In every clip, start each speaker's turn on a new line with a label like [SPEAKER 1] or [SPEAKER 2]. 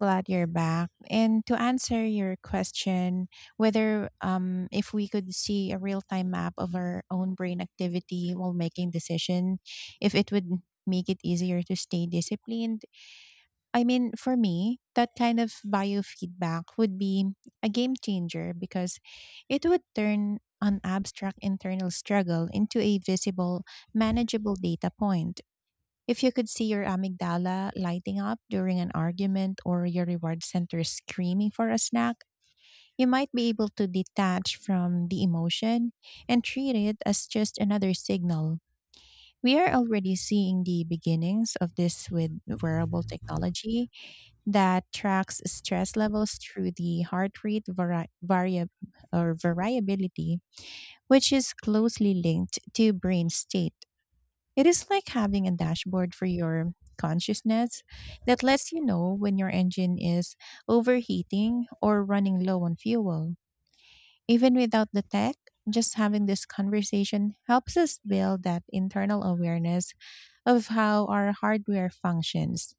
[SPEAKER 1] Glad you're back. And to answer your question, whether if we could see a real time map of our own brain activity while making decision, if it would make it easier to stay disciplined. I mean, for me, that kind of biofeedback would be a game changer because it would turn an abstract internal struggle into a visible, manageable data point. If you could see your amygdala lighting up during an argument or your reward center screaming for a snack, you might be able to detach from the emotion and treat it as just another signal. We are already seeing the beginnings of this with wearable technology that tracks stress levels through the heart rate vari- variab- or variability, which is closely linked to brain state. It is like having a dashboard for your consciousness that lets you know when your engine is overheating or running low on fuel. Even without the tech, just having this conversation helps us build that internal awareness of how our hardware functions.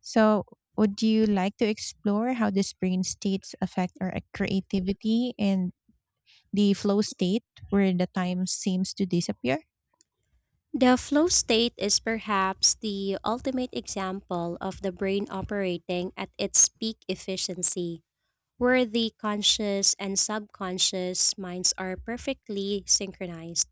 [SPEAKER 1] So, would you like to explore how these brain states affect our creativity and the flow state where the time seems to disappear?
[SPEAKER 2] The flow state is perhaps the ultimate example of the brain operating at its peak efficiency, where the conscious and subconscious minds are perfectly synchronized.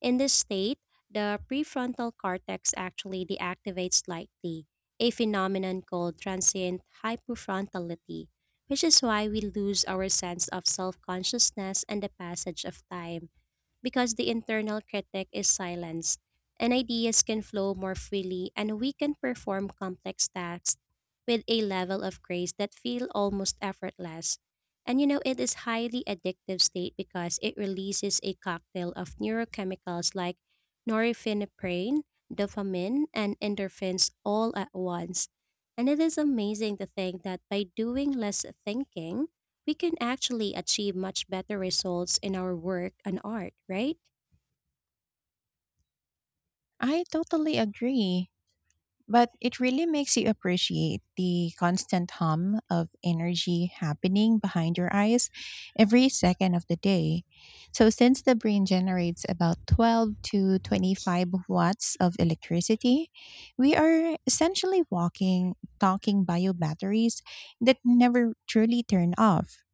[SPEAKER 2] In this state, the prefrontal cortex actually deactivates slightly, a phenomenon called transient hypofrontality, which is why we lose our sense of self consciousness and the passage of time, because the internal critic is silenced, and ideas can flow more freely, and we can perform complex tasks with a level of grace that feel almost effortless. It is highly addictive state because it releases a cocktail of neurochemicals like norepinephrine, dopamine, and endorphins all at once. And it is amazing to think that by doing less thinking, we can actually achieve much better results in our work and art, right?
[SPEAKER 1] I totally agree. But it really makes you appreciate the constant hum of energy happening behind your eyes every second of the day. So, since the brain generates about 12 to 25 watts of electricity, we are essentially walking, talking bio batteries that never truly turn off,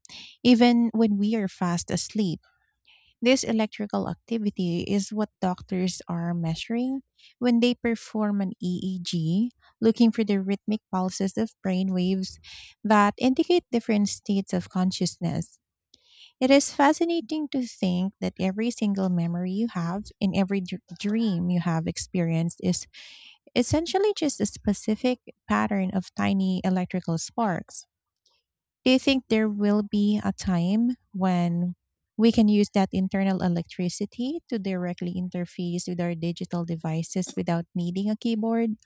[SPEAKER 1] even when we are fast asleep. This electrical activity is what doctors are measuring when they perform an EEG, looking for the rhythmic pulses of brain waves that indicate different states of consciousness. It is fascinating to think that every single memory you have and every dream you have experienced is essentially just a specific pattern of tiny electrical sparks. Do you think there will be a time when we can use that internal electricity to directly interface with our digital devices without needing a keyboard?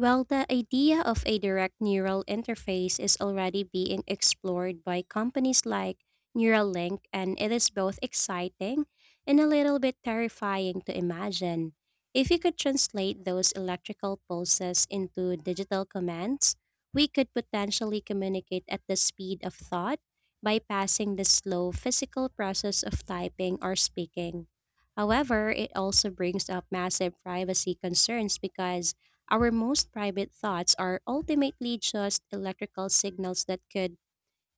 [SPEAKER 2] Well, the idea of a direct neural interface is already being explored by companies like Neuralink, and it is both exciting and a little bit terrifying to imagine. If you could translate those electrical pulses into digital commands, we could potentially communicate at the speed of thought, bypassing the slow physical process of typing or speaking. However, it also brings up massive privacy concerns because our most private thoughts are ultimately just electrical signals that could,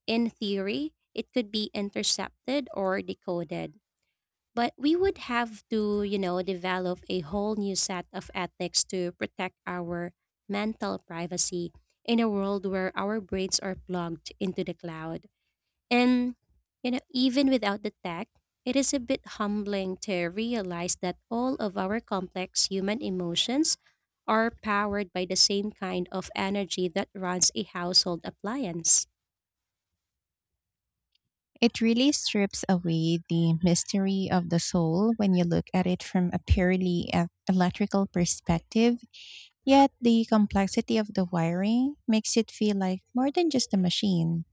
[SPEAKER 2] in theory, it could be intercepted or decoded. But we would have to, develop a whole new set of ethics to protect our mental privacy in a world where our brains are plugged into the cloud. And, even without the tech, it is a bit humbling to realize that all of our complex human emotions are powered by the same kind of energy that runs a household appliance.
[SPEAKER 1] It really strips away the mystery of the soul when you look at it from a purely electrical perspective, yet the complexity of the wiring makes it feel like more than just a machine.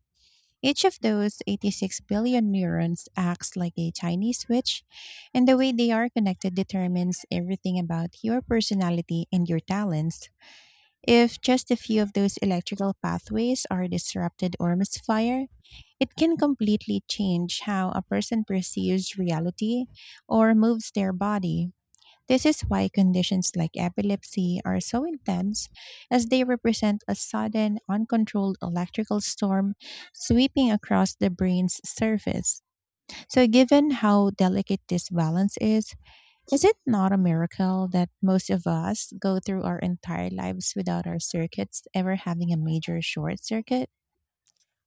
[SPEAKER 1] Each of those 86 billion neurons acts like a tiny switch, and the way they are connected determines everything about your personality and your talents. If just a few of those electrical pathways are disrupted or misfire, it can completely change how a person perceives reality or moves their body. This is why conditions like epilepsy are so intense, as they represent a sudden, uncontrolled electrical storm sweeping across the brain's surface. So, given how delicate this balance is it not a miracle that most of us go through our entire lives without our circuits ever having a major short circuit?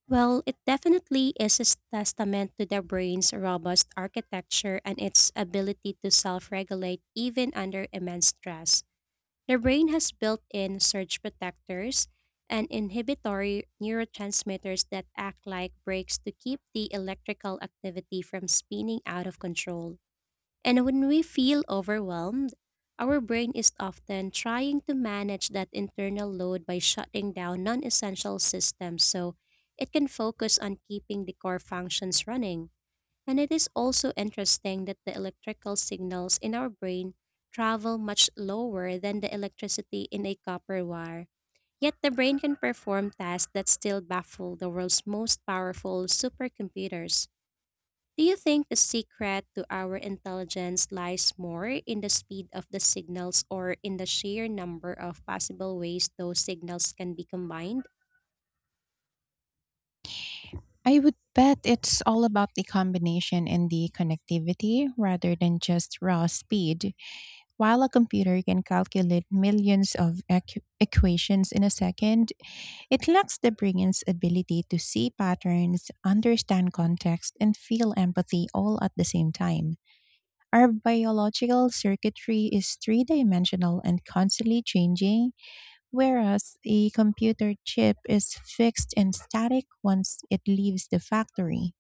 [SPEAKER 2] Well, it definitely is a testament to the brain's robust architecture and its ability to self regulate even under immense stress. The brain has built in surge protectors and inhibitory neurotransmitters that act like brakes to keep the electrical activity from spinning out of control. And when we feel overwhelmed, our brain is often trying to manage that internal load by shutting down non essential systems so it can focus on keeping the core functions running. And it is also interesting that the electrical signals in our brain travel much lower than the electricity in a copper wire. Yet the brain can perform tasks that still baffle the world's most powerful supercomputers. Do you think the secret to our intelligence lies more in the speed of the signals or in the sheer number of possible ways those signals can be combined?
[SPEAKER 1] I would bet it's all about the combination and the connectivity rather than just raw speed. While a computer can calculate millions of equations in a second, it lacks the brain's ability to see patterns, understand context, and feel empathy all at the same time. Our biological circuitry is three dimensional and constantly changing, whereas a computer chip is fixed and static once it leaves the factory.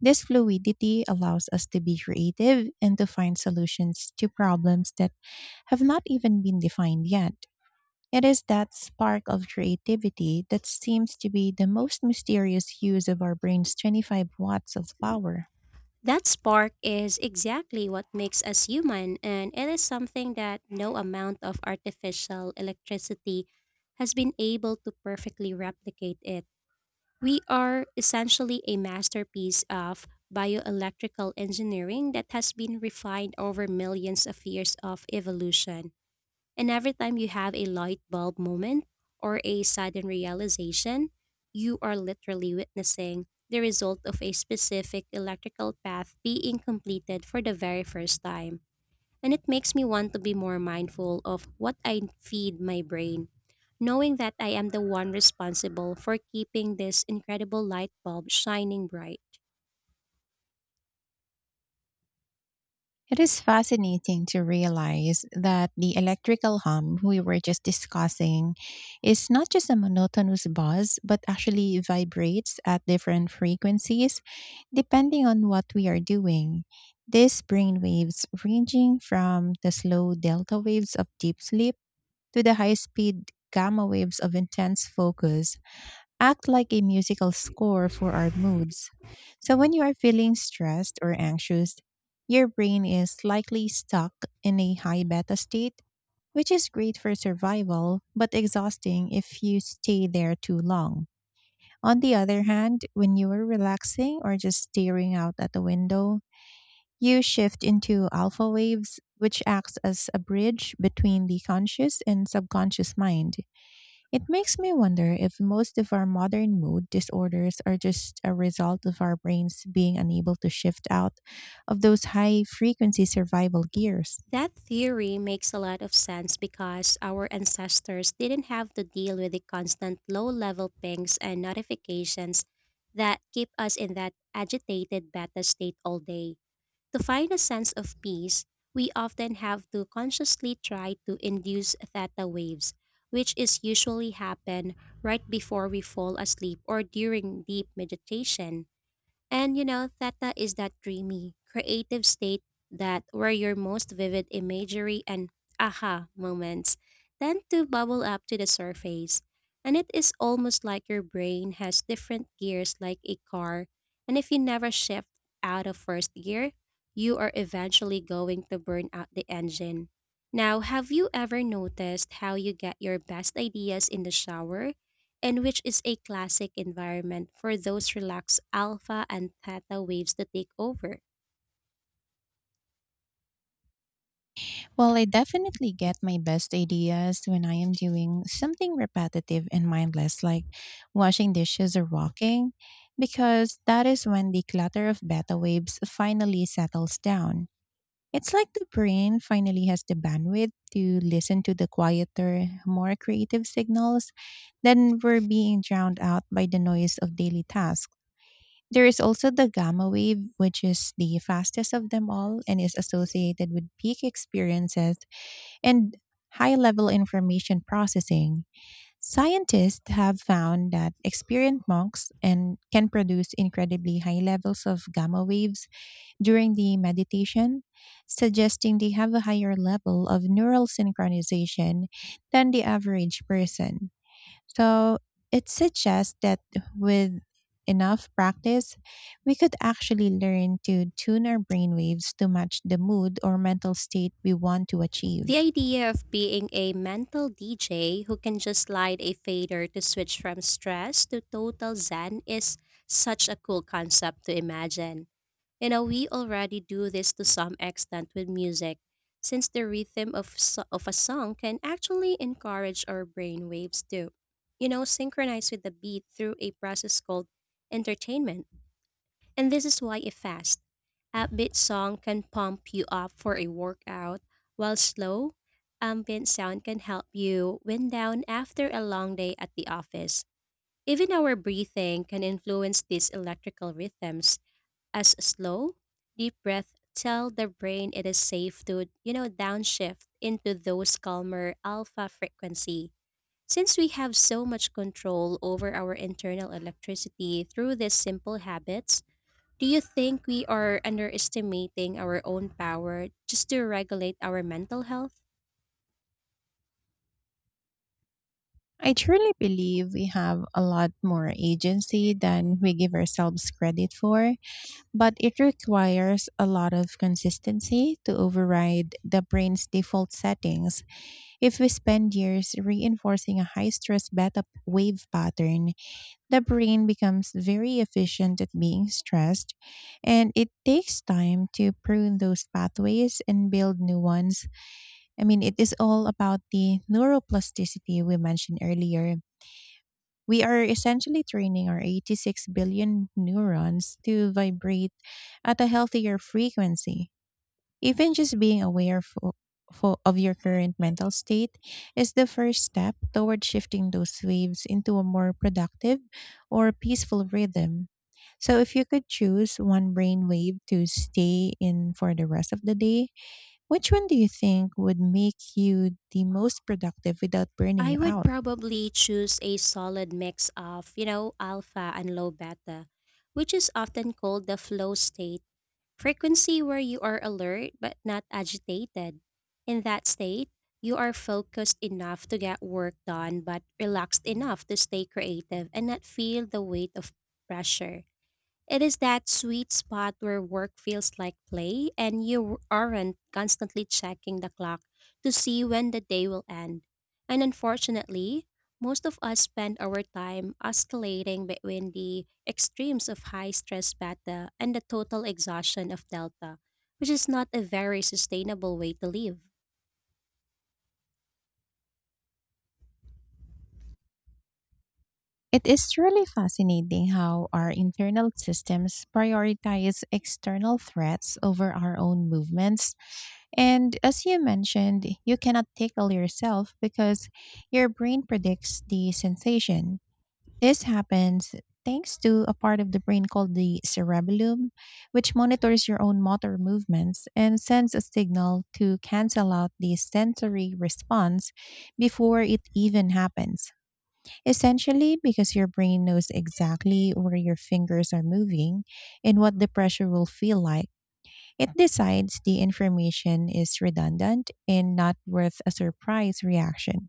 [SPEAKER 1] This fluidity allows us to be creative and to find solutions to problems that have not even been defined yet. It is that spark of creativity that seems to be the most mysterious use of our brain's 25 watts of power.
[SPEAKER 2] That spark is exactly what makes us human, and it is something that no amount of artificial electricity has been able to perfectly replicate it. We are essentially a masterpiece of bioelectrical engineering that has been refined over millions of years of evolution. And every time you have a light bulb moment or a sudden realization, you are literally witnessing the result of a specific electrical path being completed for the very first time. And it makes me want to be more mindful of what I feed my brain, knowing that I am the one responsible for keeping this incredible light bulb shining bright.
[SPEAKER 1] It is fascinating to realize that the electrical hum we were just discussing is not just a monotonous buzz, but actually vibrates at different frequencies depending on what we are doing. These brain waves, ranging from the slow delta waves of deep sleep to the high speed gamma waves of intense focus, act like a musical score for our moods. So when you are feeling stressed or anxious, your brain is likely stuck in a high beta state, which is great for survival, but exhausting if you stay there too long. On the other hand, when you are relaxing or just staring out at the window, you shift into alpha waves, which acts as a bridge between the conscious and subconscious mind. It makes me wonder if most of our modern mood disorders are just a result of our brains being unable to shift out of those high frequency survival gears.
[SPEAKER 2] That theory makes a lot of sense because our ancestors didn't have to deal with the constant low level pings and notifications that keep us in that agitated beta state all day. To find a sense of peace, we often have to consciously try to induce theta waves, which is usually happen right before we fall asleep or during deep meditation. Theta is that dreamy, creative state that where your most vivid imagery and aha moments tend to bubble up to the surface. And it is almost like your brain has different gears like a car. And if you never shift out of first gear, you are eventually going to burn out the engine. Now, have you ever noticed how you get your best ideas in the shower? And which is a classic environment for those relaxed alpha and theta waves to take over.
[SPEAKER 1] Well, I definitely get my best ideas when I am doing something repetitive and mindless, like washing dishes or walking, because that is when the clutter of beta waves finally settles down. It's like the brain finally has the bandwidth to listen to the quieter, more creative signals. Then were being drowned out by the noise of daily tasks. There is also the gamma wave, which is the fastest of them all and is associated with peak experiences and high level information processing. Scientists have found that experienced monks and can produce incredibly high levels of gamma waves during the meditation, suggesting they have a higher level of neural synchronization than the average person. So it suggests that with enough practice, we could actually learn to tune our brainwaves to match the mood or mental state we want to
[SPEAKER 2] The
[SPEAKER 1] achieve.
[SPEAKER 2] idea of being a mental DJ who can just slide a fader to switch from stress to total zen is such a cool concept to imagine. You know, we already do this to some extent with music, since the rhythm of, of a song can actually encourage our brain waves to, synchronize with the beat through a process called entertainment. And this is why a fast, upbeat song can pump you up for a workout, while slow, ambient sound can help you wind down after a long day at the office. Even our breathing can influence these electrical rhythms, as slow, deep breath tell the brain it is safe to, downshift into those calmer alpha frequency. Since we have so much control over our internal electricity through these simple habits, do you think we are underestimating our own power just to regulate our mental health?
[SPEAKER 1] I truly believe we have a lot more agency than we give ourselves credit for, but it requires a lot of consistency to override the brain's default settings. If we spend years reinforcing a high stress beta wave pattern, the brain becomes very efficient at being stressed, and it takes time to prune those pathways and build new ones. I mean, it is all about the neuroplasticity we mentioned earlier. We are essentially training our 86 billion neurons to vibrate at a healthier frequency. Even just being aware of your current mental state is the first step toward shifting those waves into a more productive or peaceful rhythm. So, if you could choose one brain wave to stay in for the rest of the day, which one do you think would make you the most productive without burning you
[SPEAKER 2] I would
[SPEAKER 1] out?
[SPEAKER 2] probably choose a solid mix of, alpha and low beta, which is often called the flow state, frequency where you are alert but not agitated. In that state, you are focused enough to get work done but relaxed enough to stay creative and not feel the weight of pressure. It is that sweet spot where work feels like play and you aren't constantly checking the clock to see when the day will end. And unfortunately, most of us spend our time oscillating between the extremes of high stress beta and the total exhaustion of delta, which is not a very sustainable way to live.
[SPEAKER 1] It is truly fascinating how our internal systems prioritize external threats over our own movements. And as you mentioned, you cannot tickle yourself because your brain predicts the sensation. This happens thanks to a part of the brain called the cerebellum, which monitors your own motor movements and sends a signal to cancel out the sensory response before it even happens. Essentially, because your brain knows exactly where your fingers are moving and what the pressure will feel like. It decides the information is redundant and not worth a surprise reaction.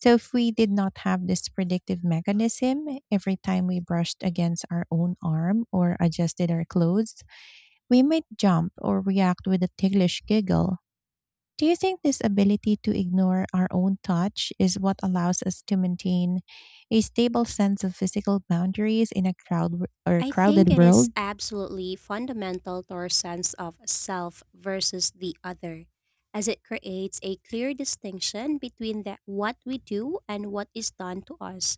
[SPEAKER 1] So, if we did not have this predictive mechanism, every time we brushed against our own arm or adjusted our clothes, we might jump or react with a ticklish giggle. Do you think this ability to ignore our own touch is what allows us to maintain a stable sense of physical boundaries in a crowd w- or
[SPEAKER 2] I think
[SPEAKER 1] crowded
[SPEAKER 2] it
[SPEAKER 1] world?
[SPEAKER 2] is absolutely fundamental to our sense of self versus the other, as it creates a clear distinction between the, what we do and what is done to us.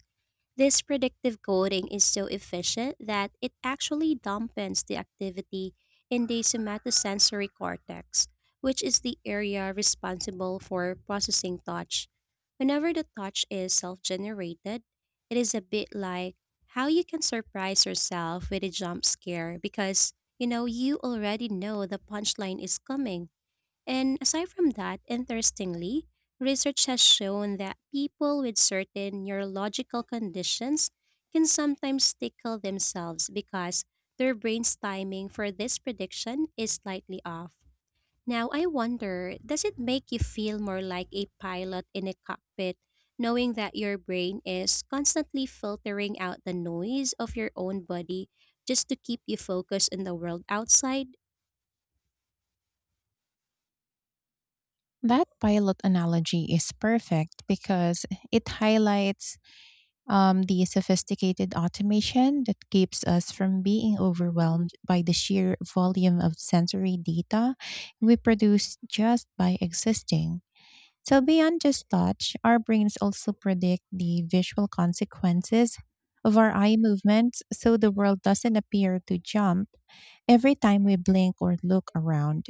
[SPEAKER 2] This predictive coding is so efficient that it actually dampens the activity in the somatosensory cortex, which is the area responsible for processing touch. Whenever the touch is self generated, it is a bit like how you can surprise yourself with a jump scare because you already know the punchline is coming. And aside from that, interestingly, research has shown that people with certain neurological conditions can sometimes tickle themselves because their brain's timing for this prediction is slightly off. Now, I wonder, does it make you feel more like a pilot in a cockpit, knowing that your brain is constantly filtering out the noise of your own body just to keep you focused on the world outside?
[SPEAKER 1] That pilot analogy is perfect because it highlights the sophisticated automation that keeps us from being overwhelmed by the sheer volume of sensory data we produce just by existing. So, beyond just touch, our brains also predict the visual consequences of our eye movements so the world doesn't appear to jump every time we blink or look around.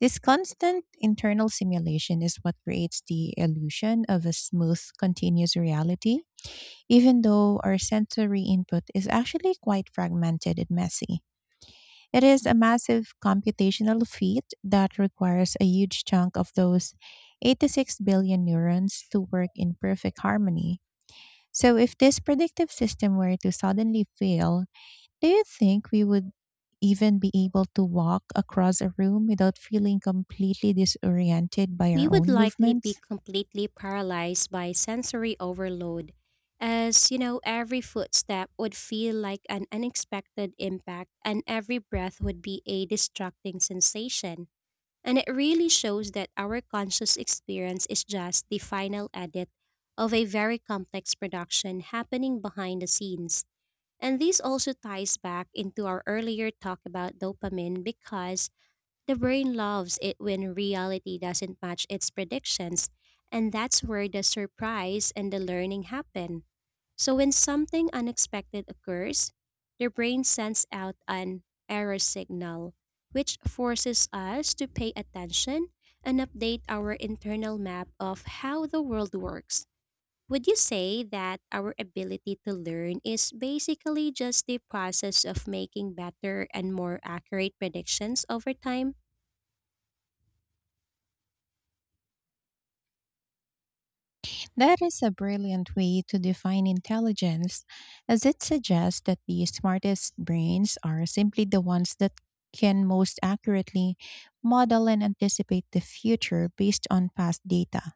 [SPEAKER 1] This constant internal simulation is what creates the illusion of a smooth, continuous reality, even though our sensory input is actually quite fragmented and messy. It is a massive computational feat that requires a huge chunk of those 86 billion neurons to work in perfect harmony. So, if this predictive system were to suddenly fail, do you think we would even be able to walk across a room without feeling completely disoriented by
[SPEAKER 2] We
[SPEAKER 1] our
[SPEAKER 2] would
[SPEAKER 1] own
[SPEAKER 2] likely be
[SPEAKER 1] movements?
[SPEAKER 2] completely paralyzed by sensory overload, as every footstep would feel like an unexpected impact and every breath would be a distracting sensation. And it really shows that our conscious experience is just the final edit of a very complex production happening behind the scenes. And this also ties back into our earlier talk about dopamine because the brain loves it when reality doesn't match its predictions, and that's where the surprise and the learning happen. So, when something unexpected occurs, the brain sends out an error signal, which forces us to pay attention and update our internal map of how the world works. Would you say that our ability to learn is basically just the process of making better and more accurate predictions over time?
[SPEAKER 1] That is a brilliant way to define intelligence, as it suggests that the smartest brains are simply the ones that can most accurately model and anticipate the future based on past data.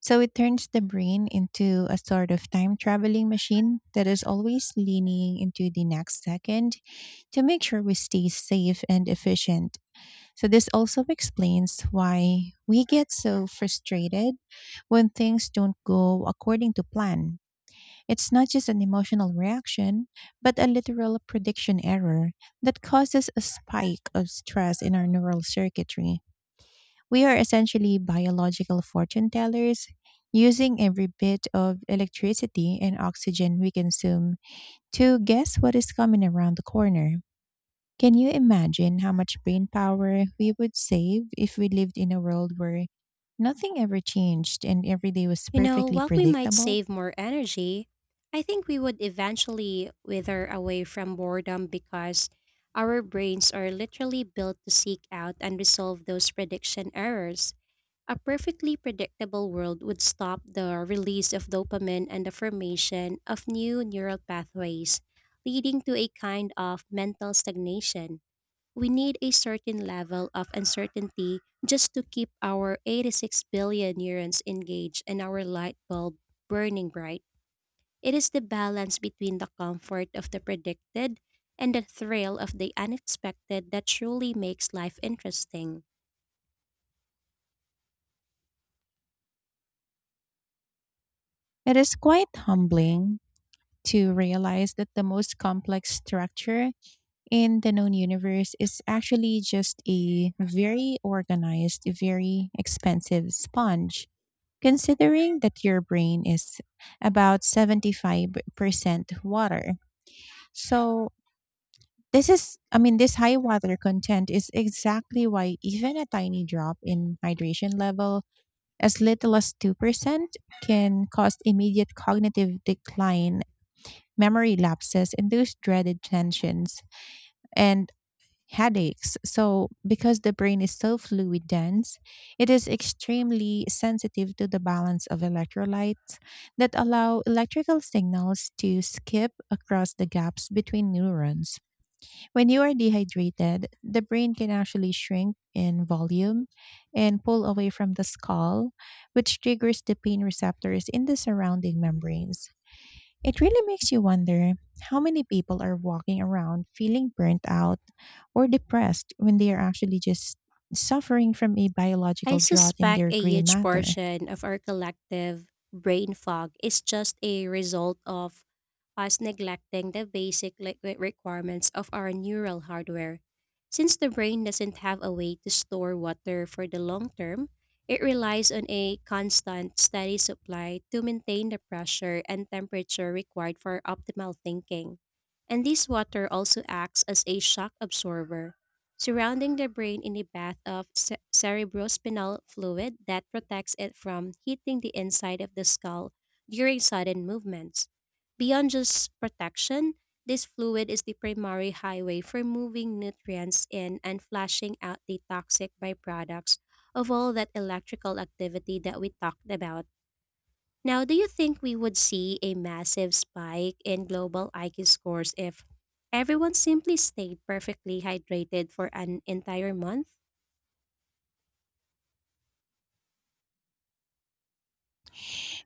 [SPEAKER 1] So it turns the brain into a sort of time traveling machine that is always leaning into the next second to make sure we stay safe and efficient. So, this also explains why we get so frustrated when things don't go according to plan. It's not just an emotional reaction, but a literal prediction error that causes a spike of stress in our neural circuitry. We are essentially biological fortune tellers, using every bit of electricity and oxygen we consume to guess what is coming around the corner. Can you imagine how much brain power we would save if we lived in a world where nothing ever changed and every day was
[SPEAKER 2] You know,
[SPEAKER 1] perfectly
[SPEAKER 2] while we might
[SPEAKER 1] predictable?
[SPEAKER 2] save more energy, I think we would eventually wither away from boredom because our brains are literally built to seek out and resolve those prediction errors. A perfectly predictable world would stop the release of dopamine and the formation of new neural pathways, leading to a kind of mental stagnation. We need a certain level of uncertainty just to keep our 86 billion neurons engaged and our light bulb burning bright. It is the balance between the comfort of the predicted and the thrill of the unexpected that truly makes life interesting.
[SPEAKER 1] It is quite humbling to realize that the most complex structure in the known universe is actually just a very organized, very expensive sponge. Considering that your brain is about 75% water. So, I mean, this high water content is exactly why even a tiny drop in hydration level, as little as 2%, can cause immediate cognitive decline, memory lapses, and those dreaded tensions and headaches. So, because the brain is so fluid dense, it is extremely sensitive to the balance of electrolytes that allow electrical signals to skip across the gaps between neurons. When you are dehydrated, the brain can actually shrink in volume and pull away from the skull, which triggers the pain receptors in the surrounding membranes. It really makes you wonder how many people are walking around feeling burnt out or depressed when they are actually just suffering from a
[SPEAKER 2] I
[SPEAKER 1] biological drought in
[SPEAKER 2] suspect
[SPEAKER 1] their
[SPEAKER 2] a
[SPEAKER 1] gray
[SPEAKER 2] huge
[SPEAKER 1] matter.
[SPEAKER 2] portion of our collective brain fog is just a result of us neglecting the basic liquid requirements of our neural hardware. Since the brain doesn't have a way to store water for the long term, it relies on a constant, steady supply to maintain the pressure and temperature required for optimal thinking. And this water also acts as a shock absorber, surrounding the brain in a bath of cerebrospinal fluid that protects it from hitting the inside of the skull during sudden movements. Beyond just protection, this fluid is the primary highway for moving nutrients in and flushing out the toxic byproducts of all that electrical activity that we talked about. Now, do you think we would see a massive spike in global IQ scores if everyone simply stayed perfectly hydrated for an entire month?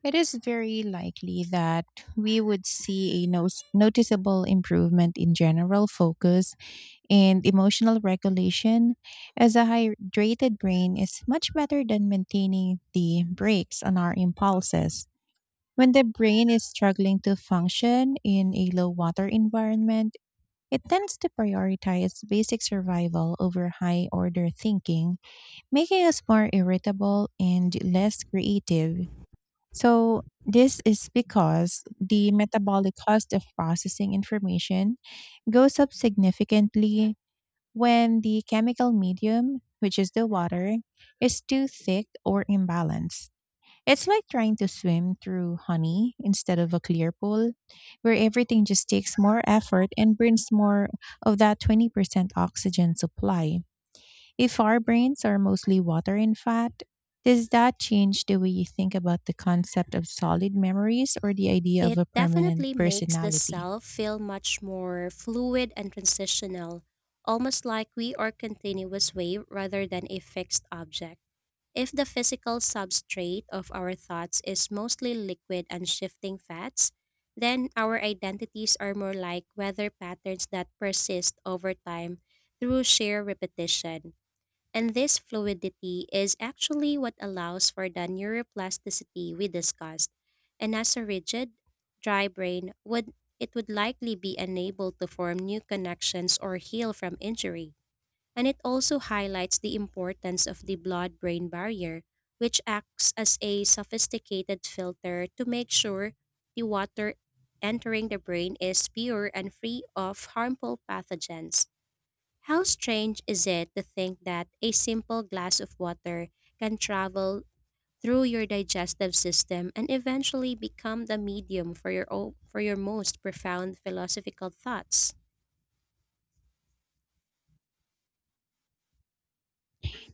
[SPEAKER 1] It is very likely that we would see a noticeable improvement in general focus and emotional regulation, as a hydrated brain is much better than maintaining the brakes on our impulses. When the brain is struggling to function in a low water environment, it tends to prioritize basic survival over high order thinking, making us more irritable and less creative. So, this is because the metabolic cost of processing information goes up significantly when the chemical medium, which is the water, is too thick or imbalanced. It's like trying to swim through honey instead of a clear pool, where everything just takes more effort and burns more of that 20% oxygen supply. If our brains are mostly water and fat, does that change the way you think about the concept of solid memories or the idea of
[SPEAKER 2] It
[SPEAKER 1] a permanent
[SPEAKER 2] definitely makes the
[SPEAKER 1] personality?
[SPEAKER 2] self feel much more fluid and transitional, almost like we are continuous wave rather than a fixed object. If the physical substrate of our thoughts is mostly liquid and shifting fats, then our identities are more like weather patterns that persist over time through sheer repetition. And this fluidity is actually what allows for the neuroplasticity we discussed. And as a rigid, dry brain would it would likely be unable to form new connections or heal from injury. And it also highlights the importance of the blood brain barrier, which acts as a sophisticated filter to make sure the water entering the brain is pure and free of harmful pathogens. How strange is it to think that a simple glass of water can travel through your digestive system and eventually become the medium for your for your most profound philosophical thoughts?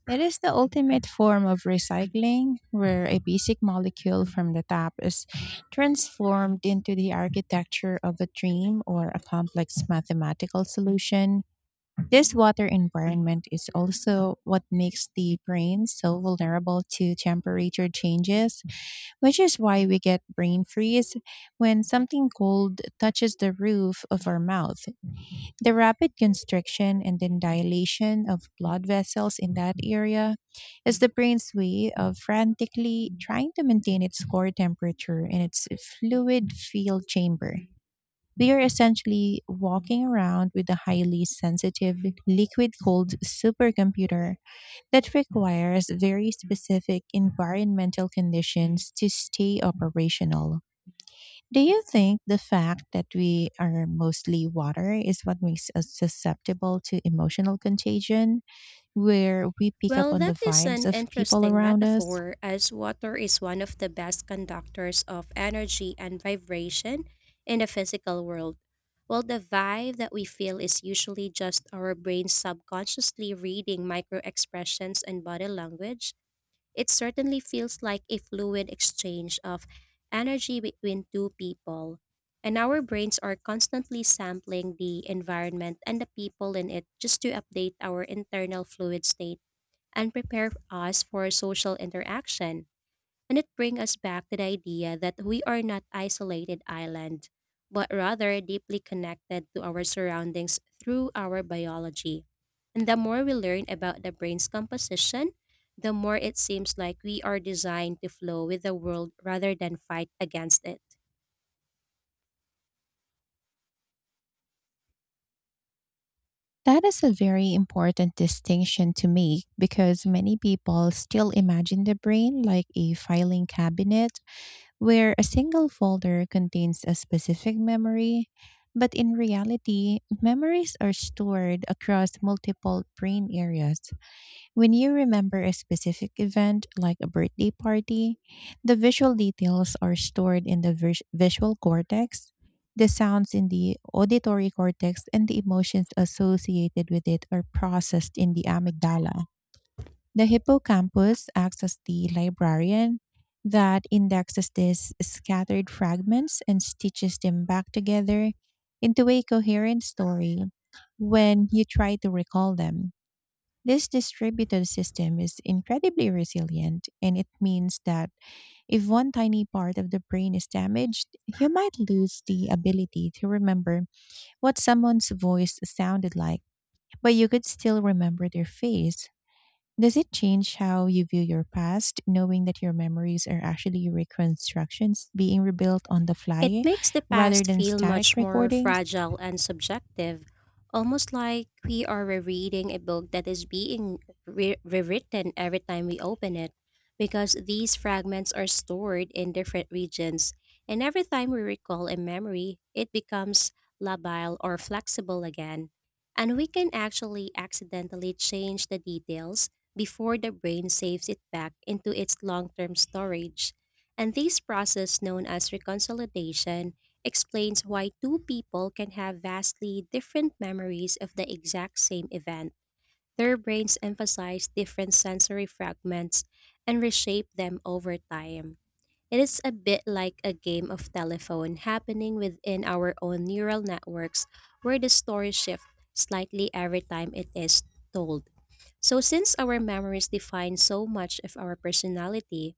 [SPEAKER 1] It is the ultimate form of recycling, where a basic molecule from the tap is transformed into the architecture of a dream or a complex mathematical solution. This water environment is also what makes the brain so vulnerable to temperature changes, which is why we get brain freeze when something cold touches the roof of our mouth. The rapid constriction and then dilation of blood vessels in that area is the brain's way of frantically trying to maintain its core temperature in its fluid filled chamber. We are essentially walking around with a highly sensitive liquid cooled supercomputer that requires very specific environmental conditions to stay operational. Do you think the fact that we are mostly water is what makes us susceptible to emotional contagion, where we pick up
[SPEAKER 2] Well,
[SPEAKER 1] on the
[SPEAKER 2] that is
[SPEAKER 1] vibes
[SPEAKER 2] an
[SPEAKER 1] of people
[SPEAKER 2] interesting
[SPEAKER 1] around us?
[SPEAKER 2] metaphor as water is one of the best conductors of energy and vibration in the physical world. While the vibe that we feel is usually just our brain subconsciously reading micro expressions and body language, it certainly feels like a fluid exchange of energy between two people, and our brains are constantly sampling the environment and the people in it just to update our internal fluid state and prepare us for social interaction. And it brings us back to the idea that we are not isolated island, but rather deeply connected to our surroundings through our biology. And the more we learn about the brain's composition, the more it seems like we are designed to flow with the world rather than fight against it.
[SPEAKER 1] That is a very important distinction to make because many people still imagine the brain like a filing cabinet where a single folder contains a specific memory. But in reality, memories are stored across multiple brain areas. When you remember a specific event, like a birthday party, the visual details are stored in the visual cortex, the sounds in the auditory cortex, and the emotions associated with it are processed in the amygdala. The hippocampus acts as the librarian that indexes these scattered fragments and stitches them back together into a coherent story when you try to recall them. This distributed system is incredibly resilient, and it means that if one tiny part of the brain is damaged, you might lose the ability to remember what someone's voice sounded like, but you could still remember their face. Does it change how you view your past, knowing that your memories are actually reconstructions being rebuilt on the
[SPEAKER 2] It
[SPEAKER 1] fly
[SPEAKER 2] makes the
[SPEAKER 1] rather
[SPEAKER 2] past
[SPEAKER 1] than
[SPEAKER 2] feel
[SPEAKER 1] static
[SPEAKER 2] much more
[SPEAKER 1] recordings?
[SPEAKER 2] fragile and subjective, almost like we are rereading a book that is being rewritten every time we open it, because these fragments are stored in different regions, and every time we recall a memory, it becomes labile or flexible again. And we can actually accidentally change the details before the brain saves it back into its long term storage. And this process, known as reconciliation, explains why two people can have vastly different memories of the exact same event. Their brains emphasize different sensory fragments and reshape them over time. It is a bit like a game of telephone happening within our own neural networks where the story shifts slightly every time it is told. So, since our memories define so much of our personality,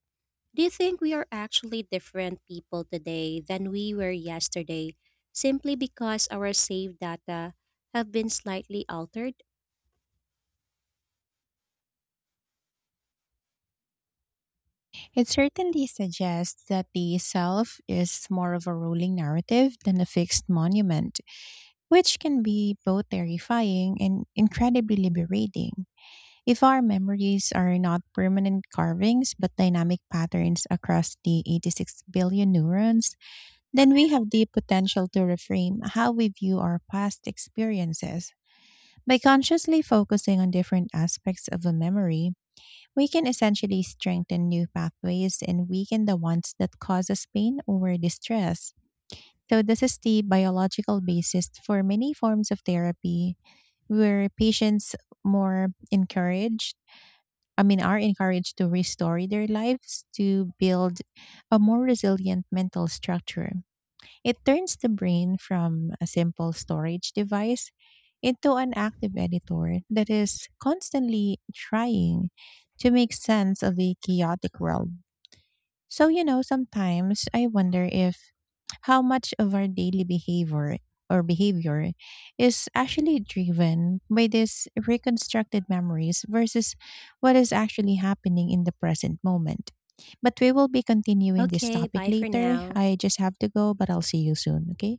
[SPEAKER 2] do you think we are actually different people today than we were yesterday simply because our saved data have been slightly altered?
[SPEAKER 1] It certainly suggests that the self is more of a rolling narrative than a fixed monument, which can be both terrifying and incredibly liberating. If our memories are not permanent carvings but dynamic patterns across the 86 billion neurons, then we have the potential to reframe how we view our past experiences. By consciously focusing on different aspects of a memory, we can essentially strengthen new pathways and weaken the ones that cause us pain or distress. So, this is the biological basis for many forms of therapy where patients more encouraged, I mean, are encouraged to restore their lives to build a more resilient mental structure. It turns the brain from a simple storage device into an active editor that is constantly trying to make sense of a chaotic world. So, sometimes I wonder if how much of our daily behavior is actually driven by these reconstructed memories versus what is actually happening in the present moment. But we will be continuing this
[SPEAKER 2] Okay,
[SPEAKER 1] topic
[SPEAKER 2] bye for
[SPEAKER 1] later.
[SPEAKER 2] now.
[SPEAKER 1] I just have to go, but I'll see you soon, okay?